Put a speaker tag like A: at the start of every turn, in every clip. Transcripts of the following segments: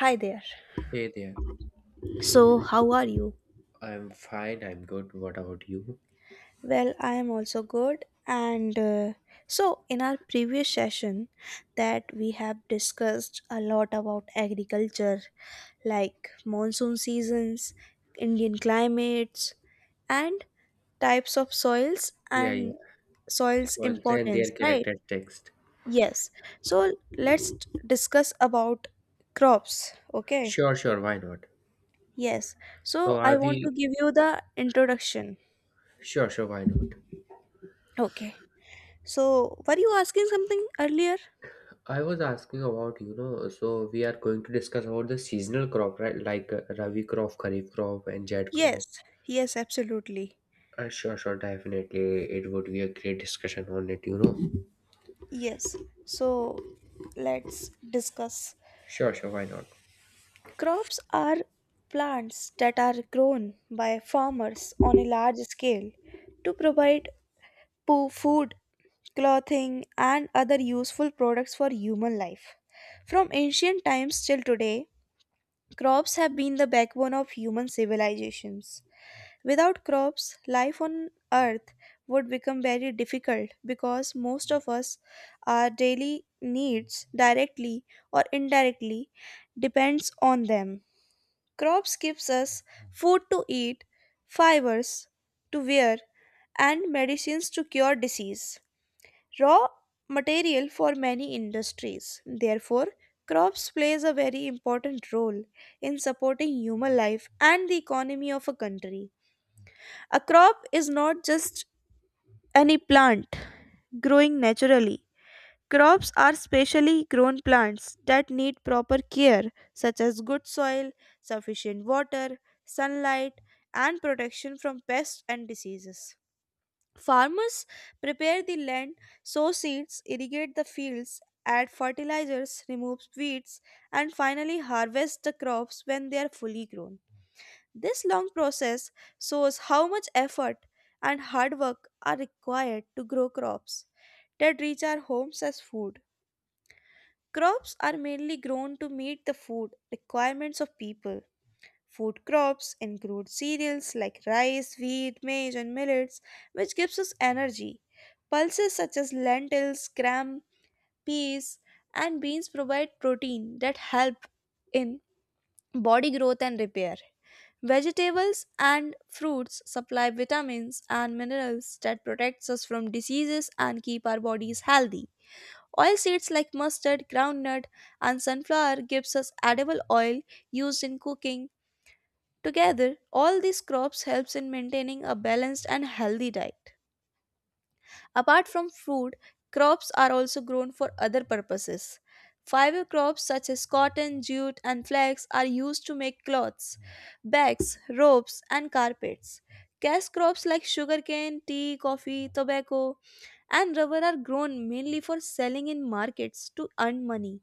A: Hi there.
B: Hey there,
A: So, how are you?
B: I'm fine, I'm good. What about you?
A: Well, I am also good. And So, in our previous session, that we have discussed a lot about agriculture, like monsoon seasons, Indian climates, and types of soils
B: Yeah, yeah.
A: and soils
B: Words and their
A: importance, right?
B: characteristics.
A: Yes. So, let's discuss about crops. Okay.
B: Sure, sure, why not?
A: Yes.
B: So
A: So, I
B: are
A: want to
B: we
A: give you the introduction.
B: Sure, sure, why not?
A: Okay. So, were you asking something earlier?
B: I was asking about, so we are going to discuss about the seasonal crop, right? Like Rabi crop, Kharif crop, and Jad crop.
A: Yes, yes, absolutely.
B: Sure, sure, definitely. It would be a great discussion on it.
A: Yes. So, let's discuss.
B: Sure, sure, why not?
A: Crops are plants that are grown by farmers on a large scale to provide food, clothing, and other useful products for human life. From ancient times till today, crops have been the backbone of human civilizations. Without crops, life on earth would become very difficult because most of us, our daily needs, directly or indirectly, depends on them. Crops gives us food to eat, fibers to wear, and medicines to cure disease. Raw material for many industries. Therefore, crops plays a very important role in supporting human life and the economy of a country. A crop is not just any plant growing naturally. Crops are specially grown plants that need proper care, such as good soil, sufficient water, sunlight, and protection from pests and diseases. Farmers prepare the land, sow seeds, irrigate the fields, add fertilizers, remove weeds, and finally harvest the crops when they are fully grown. This long process shows how much effort and hard work are required to grow crops that reach our homes as food. Crops are mainly grown to meet the food requirements of people. Food crops include cereals like rice, wheat, maize, and millets, which gives us energy. Pulses such as lentils, gram, peas, and beans provide protein that help in body growth and repair. Vegetables and fruits supply vitamins and minerals that protects us from diseases and keep our bodies healthy. Oil seeds like mustard, groundnut, and sunflower gives us edible oil used in cooking. Together, all these crops helps in maintaining a balanced and healthy diet. Apart from food, crops are also grown for other purposes. Fiber crops such as cotton, jute, and flax are used to make cloths, bags, ropes, and carpets. Cash crops like sugarcane, tea, coffee, tobacco, and rubber are grown mainly for selling in markets to earn money.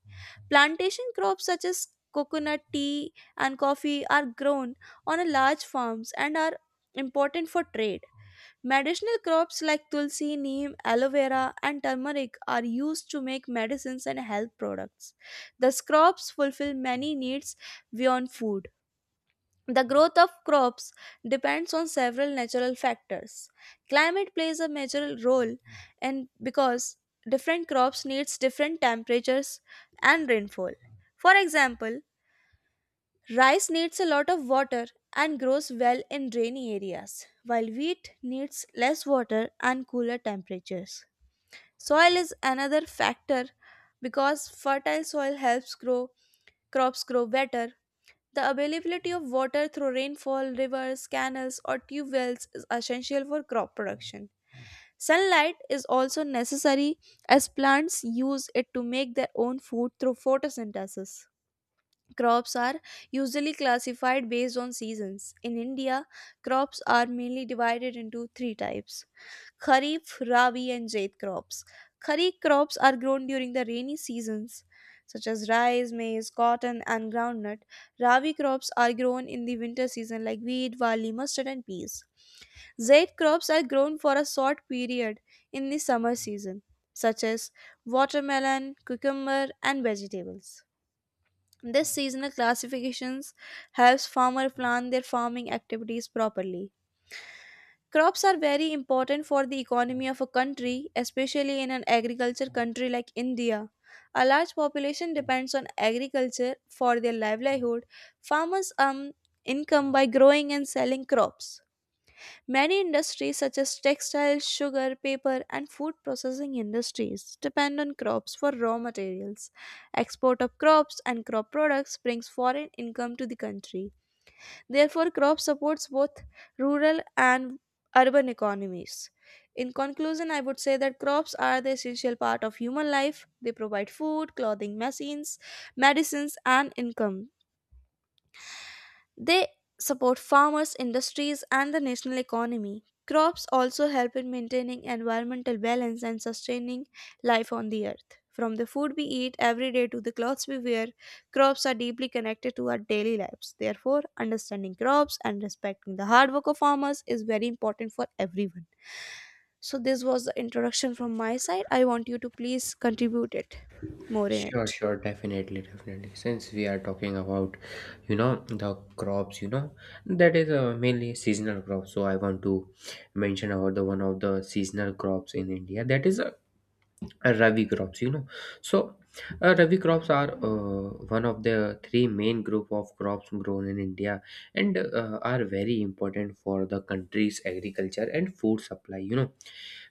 A: Plantation crops such as coconut, tea, and coffee are grown on a large farms and are important for trade. Medicinal crops like tulsi, neem, aloe vera, and turmeric are used to make medicines and health products. These crops fulfill many needs beyond food. The growth of crops depends on several natural factors. Climate plays a major role and because different crops needs different temperatures and rainfall. For example, rice needs a lot of water and grows well in rainy areas, while wheat needs less water and cooler temperatures. Soil is another factor because fertile soil helps grow crops grow better. The availability of water through rainfall, rivers, canals, or tube wells is essential for crop production. Sunlight is also necessary as plants use it to make their own food through photosynthesis. Crops are usually classified based on seasons. In India, crops are mainly divided into three types: Kharif, Rabi, and Jaid crops. Kharif crops are grown during the rainy seasons, such as rice, maize, cotton, and groundnut. Rabi crops are grown in the winter season, like wheat, barley, mustard, and peas. Zaid crops are grown for a short period in the summer season, such as watermelon, cucumber, and vegetables. This seasonal classifications helps farmer plan their farming activities properly. Crops are very important for the economy of a country, especially in an agriculture country like India. A large population depends on agriculture for their livelihood. Farmers earn income by growing and selling crops. Many industries such as textiles, sugar, paper, and food processing industries depend on crops for raw materials. Export of crops and crop products brings foreign income to the country. Therefore, crop supports both rural and urban economies. In conclusion, I would say that crops are the essential part of human life. They provide food, clothing, machines, medicines, and income. They support farmers, industries, and the national economy. Crops also help in maintaining environmental balance and sustaining life on the earth. From the food we eat every day to the clothes we wear, crops are deeply connected to our daily lives. Therefore, understanding crops and respecting the hard work of farmers is very important for everyone. So, this was the introduction from my side. I want you to please contribute it more in
B: Sure,
A: it.
B: sure, definitely, definitely. Since we are talking about the crops, that is mainly seasonal crops. So I want to mention about the one of the seasonal crops in India. That is Rabi crops. So Rabi crops are one of the three main group of crops grown in India and are very important for the country's agriculture and food supply.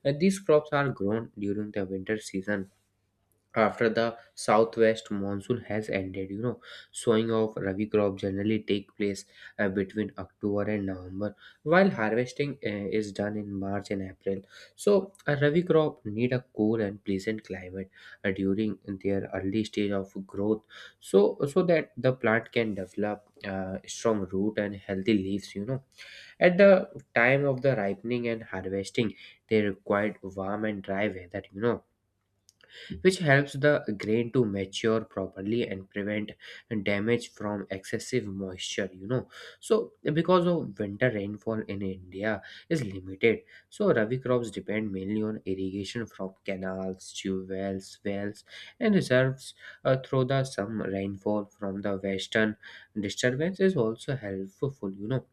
B: These crops are grown during the winter season after the southwest monsoon has ended. Sowing of rabi crop generally take place between October and November, while harvesting is done in March and April. So a rabi crop need a cool and pleasant climate during their early stage of growth, so that the plant can develop strong root and healthy leaves, at the time of the ripening and harvesting. They require warm and dry weather, which helps the grain to mature properly and prevent damage from excessive moisture. So because of winter rainfall in India is limited, so rabi crops depend mainly on irrigation from canals, tube wells, wells, and reserves. Through the some rainfall from the western disturbance is also helpful,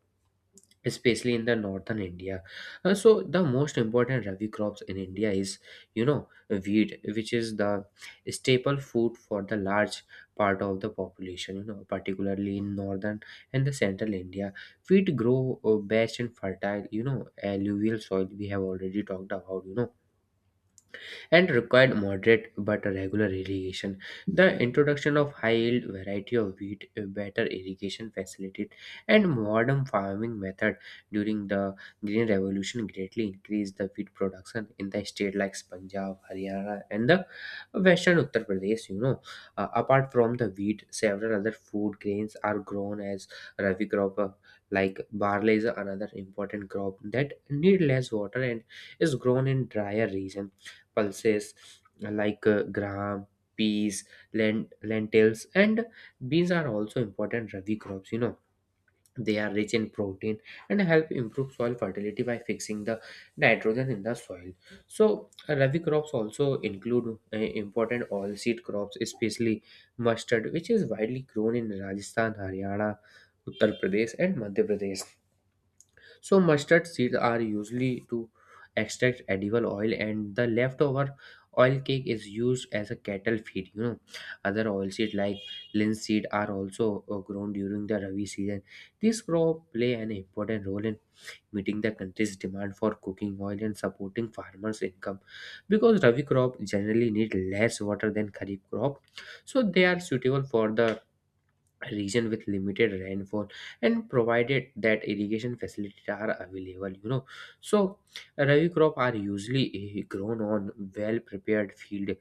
B: especially in the northern India. So the most important rabi crops in India is you know wheat, which is the staple food for the large part of the population, particularly in northern and the central India. Wheat grow best in fertile, alluvial soil we have already talked about, and required moderate but regular irrigation. The introduction of high-yield variety of wheat, a better irrigation facility, and modern farming method during the Green Revolution greatly increased the wheat production in the state like Punjab, Haryana, and the western Uttar Pradesh. Apart from the wheat, several other food grains are grown as rabi crop, like barley is another important crop that need less water and is grown in drier regions. Pulses like gram, peas, lentils, and beans are also important rabi crops. They are rich in protein and help improve soil fertility by fixing the nitrogen in the soil. So rabi crops also include important oilseed crops, especially mustard, which is widely grown in Rajasthan, Haryana, Uttar Pradesh, and Madhya Pradesh. So mustard seeds are usually to extract edible oil, and the leftover oil cake is used as a cattle feed. Other oilseed like linseed are also grown during the rabi season. These crops play an important role in meeting the country's demand for cooking oil and supporting farmers income. Because rabi crop generally need less water than kharif crop, so they are suitable for the region with limited rainfall and provided that irrigation facilities are available. So rabi crop are usually grown on well prepared field,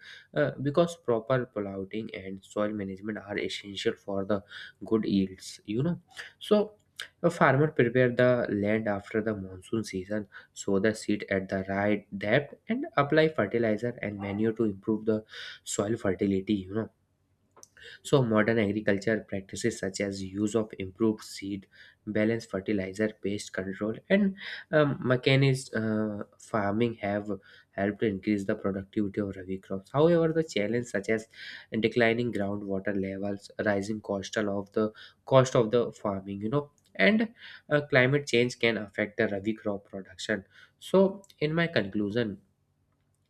B: because proper plowing and soil management are essential for the good yields. So a farmer prepare the land after the monsoon season, sow the seed at the right depth, and apply fertilizer and manure to improve the soil fertility. So modern agriculture practices such as use of improved seed, balanced fertilizer, pest control, and mechanized farming have helped increase the productivity of rabi crops. However, the challenges such as declining groundwater levels, rising coastal of the cost of the farming, and climate change can affect the rabi crop production. So, in my conclusion,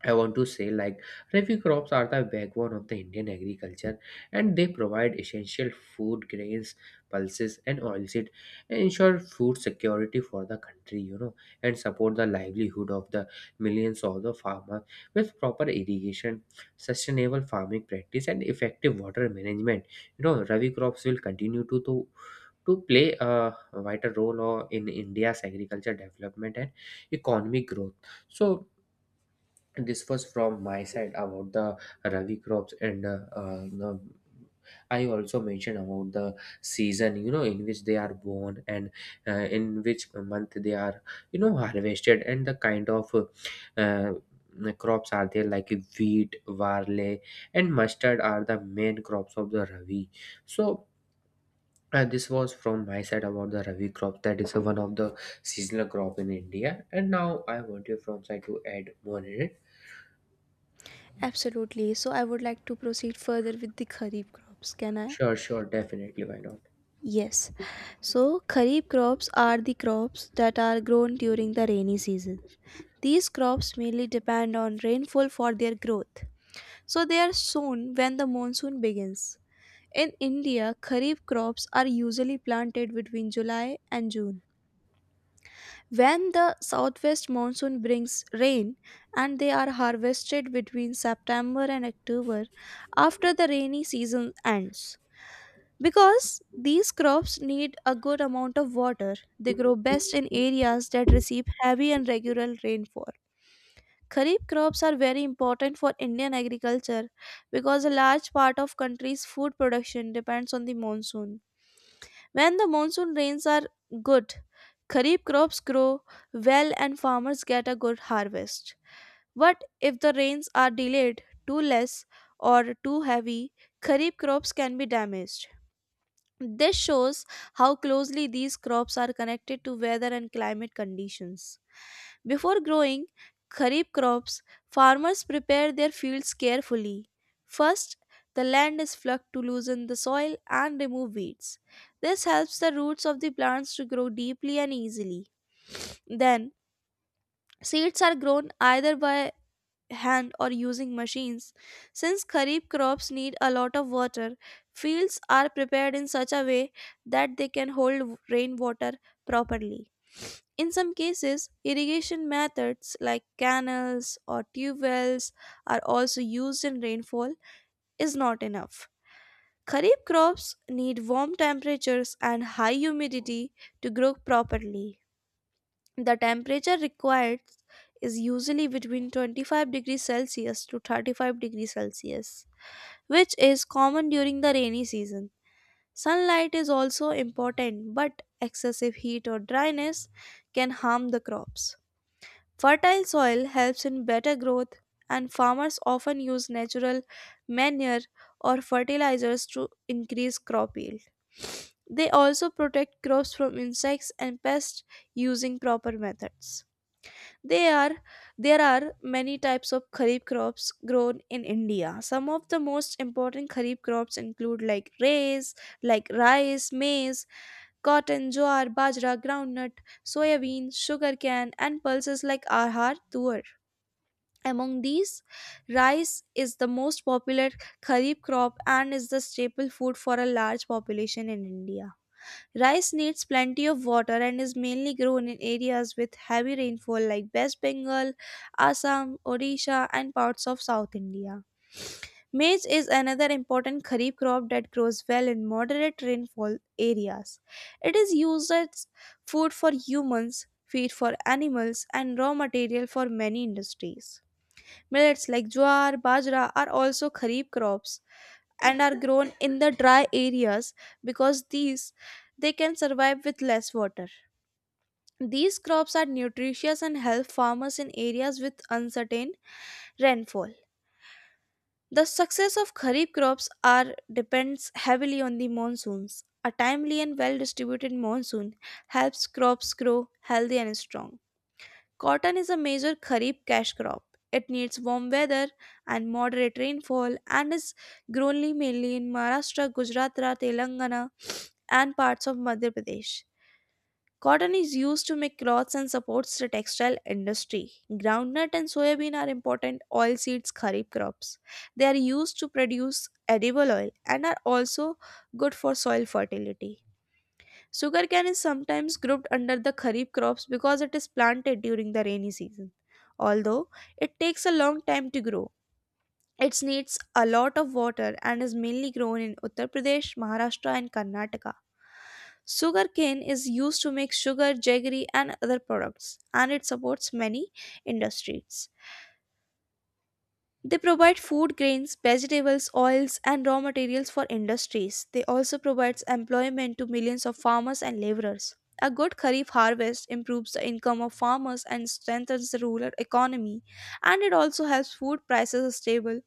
B: I want to say like Rabi crops are the backbone of the Indian agriculture, and they provide essential food grains, pulses and oilseed, and ensure food security for the country, and support the livelihood of the millions of the farmers with proper irrigation, sustainable farming practice and effective water management. Rabi crops will continue to play a vital role in India's agriculture development and economic growth. So this was from my side about the rabi crops, and the I also mentioned about the season, in which they are born, and in which month they are harvested, and the kind of uh, crops are there like wheat, barley, and mustard are the main crops of the Ravi. So, this was from my side about the Ravi crop that is one of the seasonal crop in India. And now I want you from side to add more in it.
A: Absolutely. So, I would like to proceed further with the kharif crops. Can I?
B: Sure, sure, definitely. Why not?
A: Yes. So, kharif crops are the crops that are grown during the rainy season. These crops mainly depend on rainfall for their growth. So, they are sown when the monsoon begins. In India, kharif crops are usually planted between July and June, when the southwest monsoon brings rain, and they are harvested between September and October after the rainy season ends. Because these crops need a good amount of water, they grow best in areas that receive heavy and regular rainfall. Kharif crops are very important for Indian agriculture because a large part of country's food production depends on the monsoon. When the monsoon rains are good, kharif crops grow well and farmers get a good harvest. But if the rains are delayed, too less, or too heavy, kharif crops can be damaged. This shows how closely these crops are connected to weather and climate conditions. Before growing kharif crops, farmers prepare their fields carefully. First, the land is plucked to loosen the soil and remove weeds. This helps the roots of the plants to grow deeply and easily. Then, seeds are grown either by hand or using machines. Since kharif crops need a lot of water, fields are prepared in such a way that they can hold rainwater properly. In some cases, irrigation methods like canals or tube wells are also used in rainfall is not enough. Kharif crops need warm temperatures and high humidity to grow properly. The temperature required is usually between 25 degrees Celsius to 35 degrees Celsius, which is common during the rainy season. Sunlight is also important, but excessive heat or dryness can harm the crops. Fertile soil helps in better growth, and farmers often use natural manure or fertilizers to increase crop yield. They also protect crops from insects and pests using proper methods. They are There are many types of kharif crops grown in India. Some of the most important kharif crops include like rice, maize, cotton, jowar, bajra, groundnut, soybean, sugarcane, and pulses like ahar, tuar. Among these, rice is the most popular kharif crop and is the staple food for a large population in India. Rice needs plenty of water and is mainly grown in areas with heavy rainfall like West Bengal, Assam, Odisha, and parts of South India. Maize is another important kharif crop that grows well in moderate rainfall areas. It is used as food for humans, feed for animals, and raw material for many industries. Millets like jowar, bajra are also kharif crops and are grown in the dry areas because these they can survive with less water. These crops are nutritious and help farmers in areas with uncertain rainfall. The success of kharif crops are depends heavily on the monsoons. A timely and well distributed monsoon helps crops grow healthy and strong. Cotton is a major kharif cash crop. It needs warm weather and moderate rainfall and is grown mainly in Maharashtra, Gujarat, Telangana, and parts of Madhya Pradesh. Cotton is used to make clothes and supports the textile industry. Groundnut and soybean are important oilseeds kharif crops. They are used to produce edible oil and are also good for soil fertility. Sugarcane is sometimes grouped under the kharif crops because it is planted during the rainy season. Although it takes a long time to grow, it needs a lot of water and is mainly grown in Uttar Pradesh, Maharashtra, and Karnataka. Sugarcane is used to make sugar, jaggery, and other products, and it supports many industries. They provide food grains, vegetables, oils, and raw materials for industries. They also provides employment to millions of farmers and laborers. A good kharif harvest improves the income of farmers and strengthens the rural economy, and it also helps food prices stable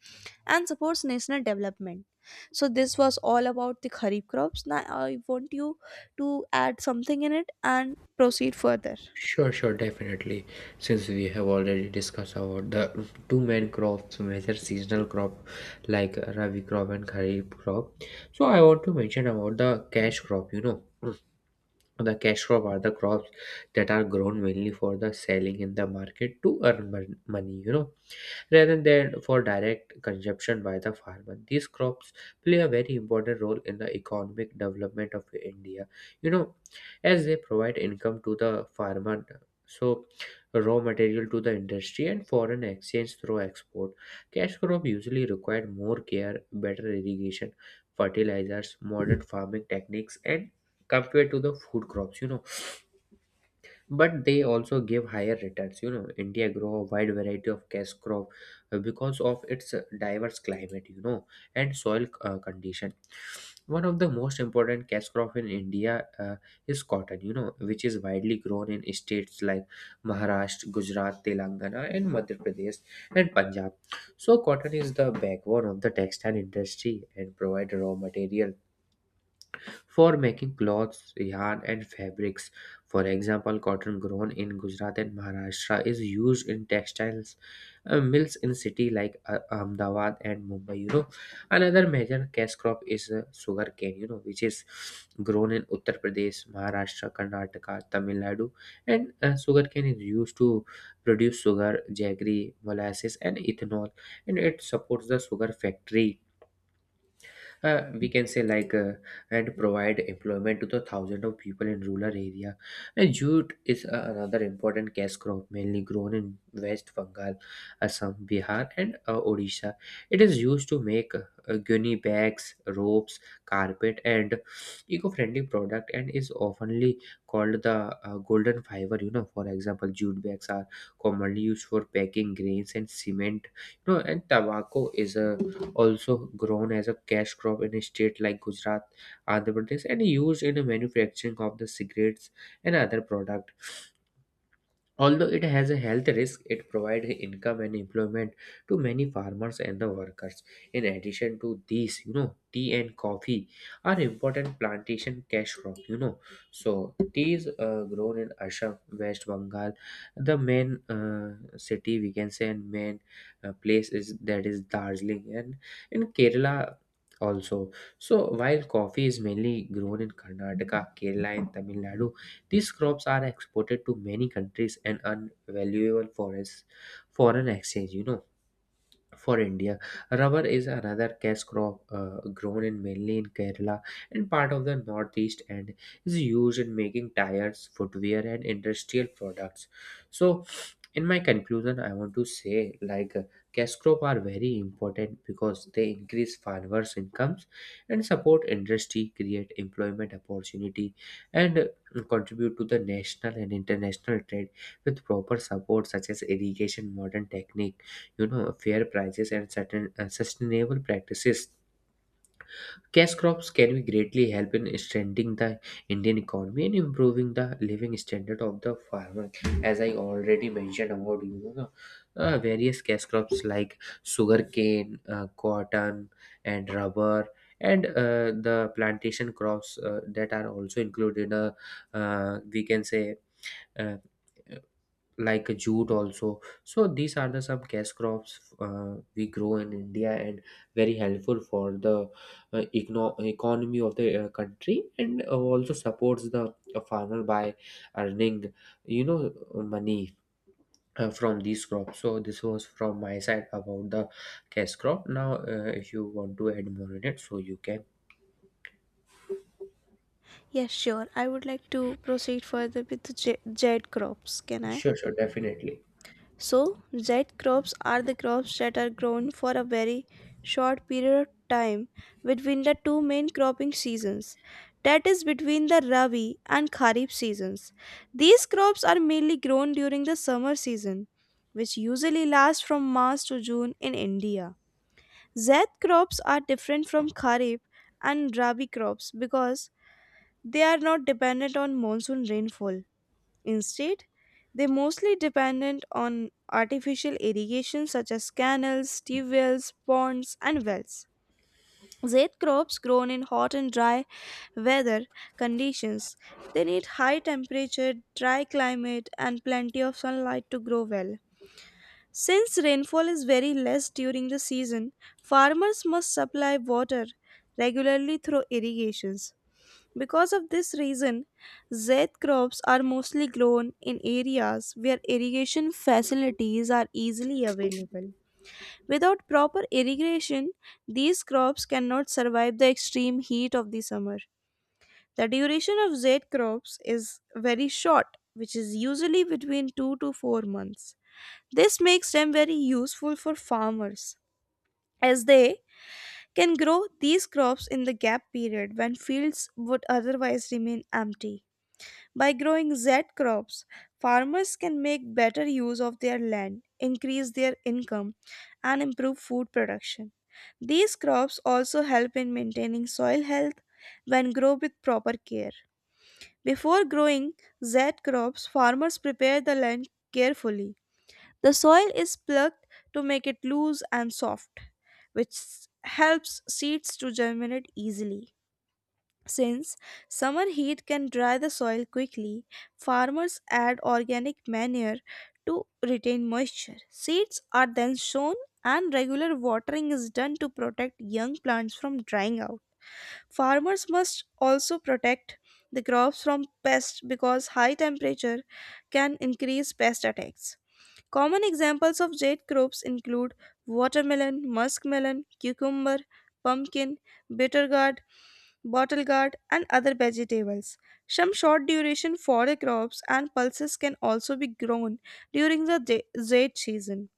A: and supports national development. So this was all about the kharif crops. Now I want you to add something in it and proceed further.
B: Sure, sure, definitely. Since we have already discussed about the two main crops, major seasonal crop like Rabi crop and Kharif crop. So I want to mention about the cash crop. The cash crop are the crops that are grown mainly for the selling in the market to earn money, rather than for direct consumption by the farmer. These crops play a very important role in the economic development of India. You know, as they provide income to the farmer, so raw material to the industry and foreign exchange through export. Cash crop usually require more care, better irrigation, fertilizers, modern farming techniques, and compared to the food crops. But they also give higher returns. India grow a wide variety of cash crop because of its diverse climate and soil condition. One of the most important cash crop in India is cotton, which is widely grown in states like Maharashtra, Gujarat, Telangana, and Madhya Pradesh, and Punjab. So cotton is the backbone of the textile industry and provide raw material for making cloths, yarn, and fabrics. For example, cotton grown in Gujarat and Maharashtra is used in textiles mills in cities like Ahmedabad and Mumbai. Another major cash crop is sugar cane. Which is grown in Uttar Pradesh, Maharashtra, Karnataka, Tamil Nadu, and sugar cane is used to produce sugar, jaggery, molasses, and ethanol, and it supports the sugar factory, we can say and provide employment to the thousand of people in rural area. And jute is another important cash crop mainly grown in West Bengal, Assam, Bihar, and Odisha. It is used to make gunny bags, ropes, carpet, and eco-friendly product, and is oftenly called the golden fiber. For example, jute bags are commonly used for packing grains and cement. And tobacco is a also grown as a cash crop in a state like Gujarat, Andhra Pradesh, and used in the manufacturing of the cigarettes and other products. Although it has a health risk, it provides income and employment to many farmers and the workers. In addition to these, tea and coffee are important plantation cash crop. So tea is grown in Assam, West Bengal, the main city we can say, and main place is that is Darjeeling, and in Kerala also. So while coffee is mainly grown in Karnataka, Kerala, and Tamil Nadu, these crops are exported to many countries and earn valuable foreign exchange. For India, rubber is another cash crop grown in mainly in Kerala and part of the northeast, and is used in making tires, footwear, and industrial products. So, in my conclusion, I want to say like cash crop are very important because they increase farmers' incomes and support industry, create employment opportunity, and contribute to the national and international trade. With proper support such as irrigation, modern technique, fair prices, and certain sustainable practices, cash crops can be greatly help in strengthening the Indian economy and improving the living standard of the farmer. As I already mentioned about, various cash crops like sugarcane, cotton, and rubber, and the plantation crops that are also included, we can say, uh, like jute also. So these are the some cash crops we grow in India, and very helpful for the economy of the country, and also supports the farmer by earning, money from these crops. So this was from my side about the cash crop. Now if you want to add more in it, so you can.
A: Yes, sure. I would like to proceed further with the jade crops. Can I?
B: Sure, sure, definitely.
A: So, Z crops are the crops that are grown for a very short period of time between the two main cropping seasons, that is, between the Rabi and Kharif seasons. These crops are mainly grown during the summer season, which usually lasts from March to June in India. Zaid crops are different from Kharif and Rabi crops because they are not dependent on monsoon rainfall. Instead, they mostly dependent on artificial irrigation such as canals, tube wells, ponds, and wells. Zed crops grown in hot and dry weather conditions. They need high temperature, dry climate, and plenty of sunlight to grow well. Since rainfall is very less during the season, farmers must supply water regularly through irrigations. Because of this reason, Zaid crops are mostly grown in areas where irrigation facilities are easily available. Without proper irrigation, these crops cannot survive the extreme heat of the summer. The duration of Zaid crops is very short, which is usually between 2 to 4 months. This makes them very useful for farmers as they can grow these crops in the gap period when fields would otherwise remain empty. By growing Z crops, farmers can make better use of their land, increase their income, and improve food production. These crops also help in maintaining soil health when grown with proper care. Before growing Z crops, farmers prepare the land carefully. The soil is plucked to make it loose and soft, which helps seeds to germinate easily. Since summer heat can dry the soil quickly, farmers add organic manure to retain moisture. Seeds are then sown and regular watering is done to protect young plants from drying out. Farmers must also protect the crops from pests because high temperature can increase pest attacks. Common examples of jade crops include watermelon, muskmelon, cucumber, pumpkin, bitter gourd, bottle gourd, and other vegetables. Some short duration fodder crops and pulses can also be grown during the jade season.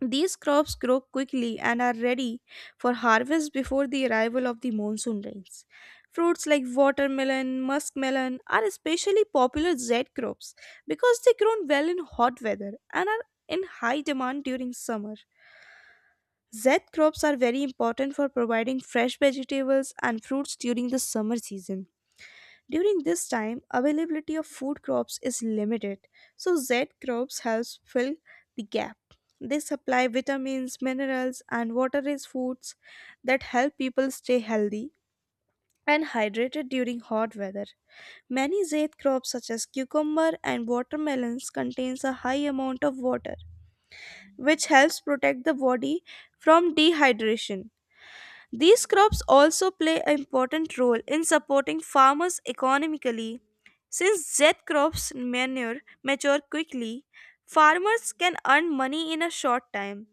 A: These crops grow quickly and are ready for harvest before the arrival of the monsoon rains. Fruits like watermelon, muskmelon are especially popular Z crops because they grow well in hot weather and are in high demand during summer. Z crops are very important for providing fresh vegetables and fruits during the summer season. During this time, availability of food crops is limited, so Z crops helps fill the gap. They supply vitamins, minerals, and water-rich foods that help people stay healthy and hydrated during hot weather. Many Z crops such as cucumber and watermelons contains a high amount of water, which helps protect the body from dehydration. These crops also play an important role in supporting farmers economically. Since Z crops manure mature quickly, farmers can earn money in a short time.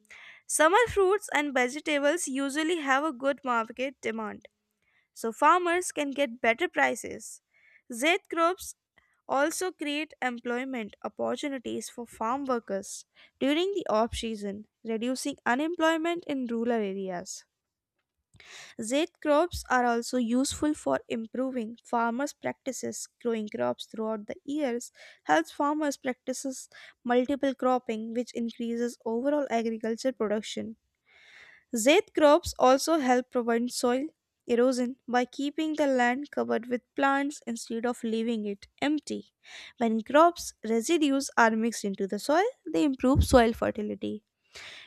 A: Summer fruits and vegetables usually have a good market demand, so farmers can get better prices. Z crops also create employment opportunities for farm workers during the off season, reducing unemployment in rural areas. Zed crops are also useful for improving farmers' practices. Growing crops throughout the years helps farmers practices multiple cropping, which increases overall agriculture production. Zed crops also help prevent soil erosion by keeping the land covered with plants instead of leaving it empty. When crops residues are mixed into the soil, they improve soil fertility.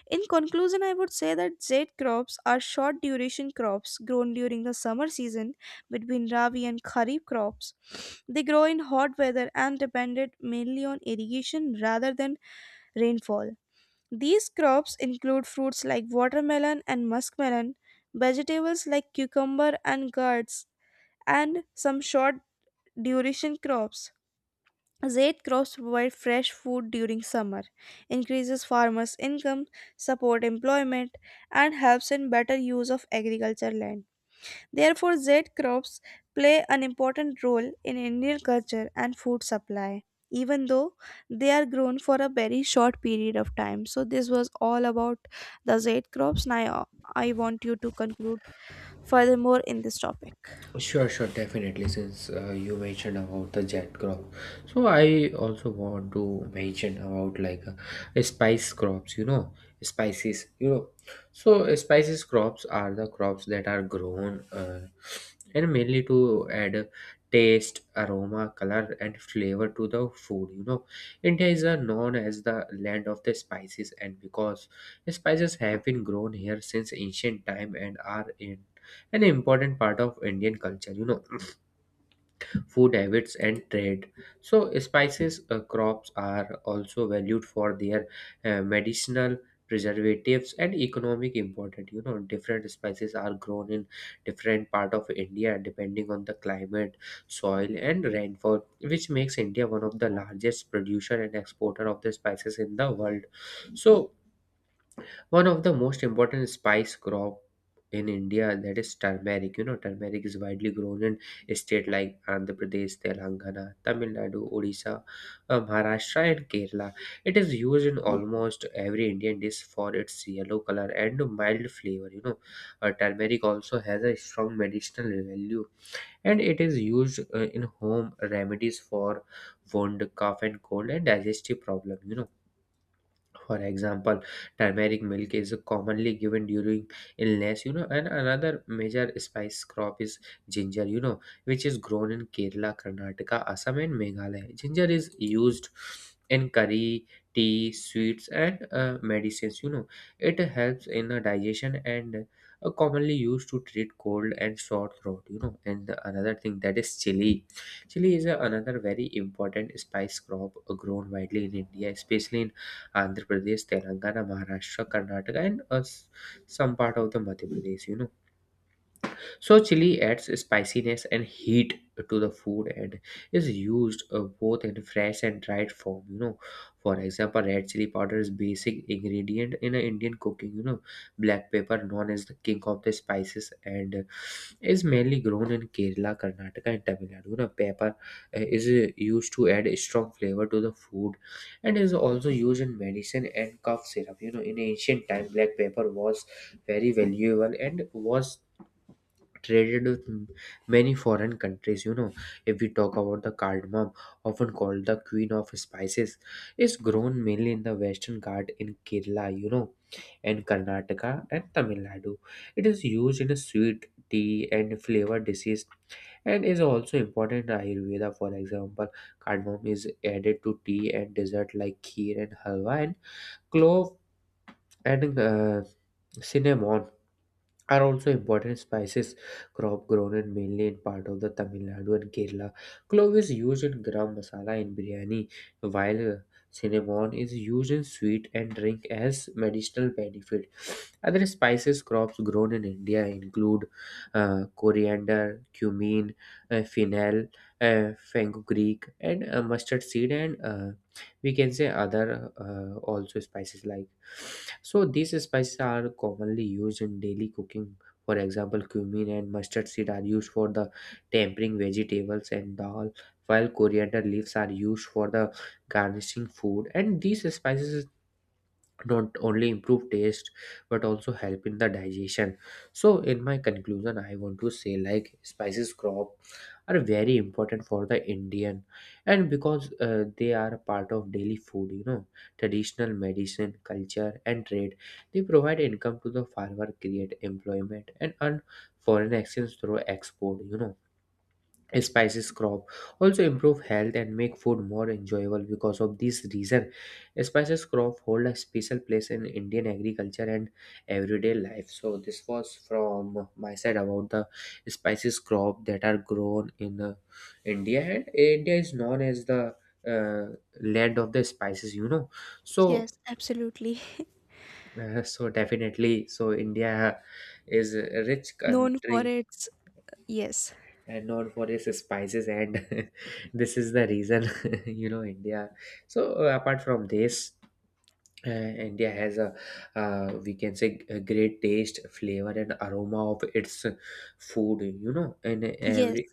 A: In conclusion, I would say that Z crops are short duration crops grown during the summer season between Rabi and Kharif crops. They grow in hot weather and depended mainly on irrigation rather than rainfall. These crops include fruits like watermelon and muskmelon, vegetables like cucumber and gourds, and some short duration crops. Zait crops provide fresh food during summer, increases farmers' income, support employment, and helps in better use of agriculture land. Therefore, Zait crops play an important role in Indian culture and food supply, even though they are grown for a very short period of time. So, this was all about the Zait crops. Now, I want you to conclude furthermore in this topic.
B: Sure, sure, definitely. Since you mentioned about the jet crop, so I also want to mention about like spice crops, spices, So, spices crops are the crops that are grown and mainly to add taste, aroma, color, and flavor to the food, India is known as the land of the spices, and because spices have been grown here since ancient time and are in an important part of Indian culture, food habits and trade. So, spices crops are also valued for their medicinal preservatives and economic importance. Different spices are grown in different part of India depending on the climate, soil and rainfall, which makes India one of the largest producer and exporter of the spices in the world. So one of the most important spice crop in India, that is turmeric. You know, turmeric is widely grown in states like Andhra Pradesh, Telangana, Tamil Nadu, Odisha, Maharashtra, and Kerala. It is used in almost every Indian dish for its yellow color and mild flavor. You know, turmeric also has a strong medicinal value, and it is used in home remedies for wound, cough, and cold, and digestive problem. You know, for example, turmeric milk is commonly given during illness. And another major spice crop is ginger, which is grown in Kerala, Karnataka, Assam and Meghalaya. Ginger is used in curry, tea, sweets and medicines. It helps in the digestion and commonly used to treat cold and sore throat. And the another thing, that is chili. Is a another very important spice crop grown widely in India, especially in Andhra Pradesh, Telangana, Maharashtra, Karnataka, and some part of the Madhya Pradesh. You know, so chili adds spiciness and heat to the food and is used both in fresh and dried form, you know. For example, red chili powder is basic ingredient in a Indian cooking, you know. Black pepper, known as the king of the spices, and is mainly grown in Kerala, Karnataka and Tamil Nadu. You know, pepper is used to add a strong flavor to the food, and is also used in medicine and cough syrup. You know, in ancient time, black pepper was very valuable and was traded with many foreign countries. If we talk about the cardamom, often called the queen of spices, is grown mainly in the western Ghats in Kerala, and Karnataka and Tamil Nadu. It is used in a sweet, tea and flavor dishes, and is also important in ayurveda. For example, cardamom is added to tea and dessert like kheer and halwa. And clove and cinnamon are also important spices crop grown in mainly in part of the Tamil Nadu and Kerala. Clove is used in garam masala in biryani, while cinnamon is used in sweet and drink as medicinal benefit. Other spices crops grown in India include coriander, cumin, fennel, fenugreek, and mustard seed, and we can say other also spices like. So these spices are commonly used in daily cooking. For example, cumin and mustard seed are used for the tempering vegetables and dal, while coriander leaves are used for the garnishing food, and these spices not only improve taste but also help in the digestion. So in my conclusion, I want to say like spices crop are very important for the Indian, and because they are a part of daily food, traditional medicine, culture and trade. They provide income to the farmer, create employment and earn foreign exchange through export. Spices crop also improve health and make food more enjoyable. Because of this reason, spices crop hold a special place in Indian agriculture and everyday life. So this was from my side about the spices crop that are grown in India, and India is known as the uh, land of the spices, you know so
A: Yes, absolutely.
B: so definitely, so India is a rich
A: Known for
B: country,
A: its, yes.
B: and known for its spices, and this is the reason you know India. So apart from this, India has a we can say a great taste, flavor and aroma of its food, you know, in
A: Yes,
B: every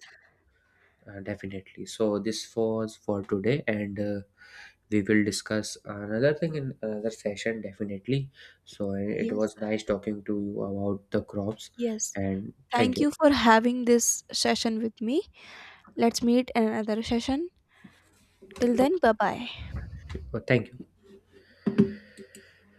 B: definitely. So this was for today, and we will discuss another thing in another session definitely. So it
A: yes,
B: was nice talking to you about the crops
A: yes.
B: and thank
A: Thank
B: you.
A: you for having this session with me. Let's meet in another session. Till then, bye bye.
B: Thank you.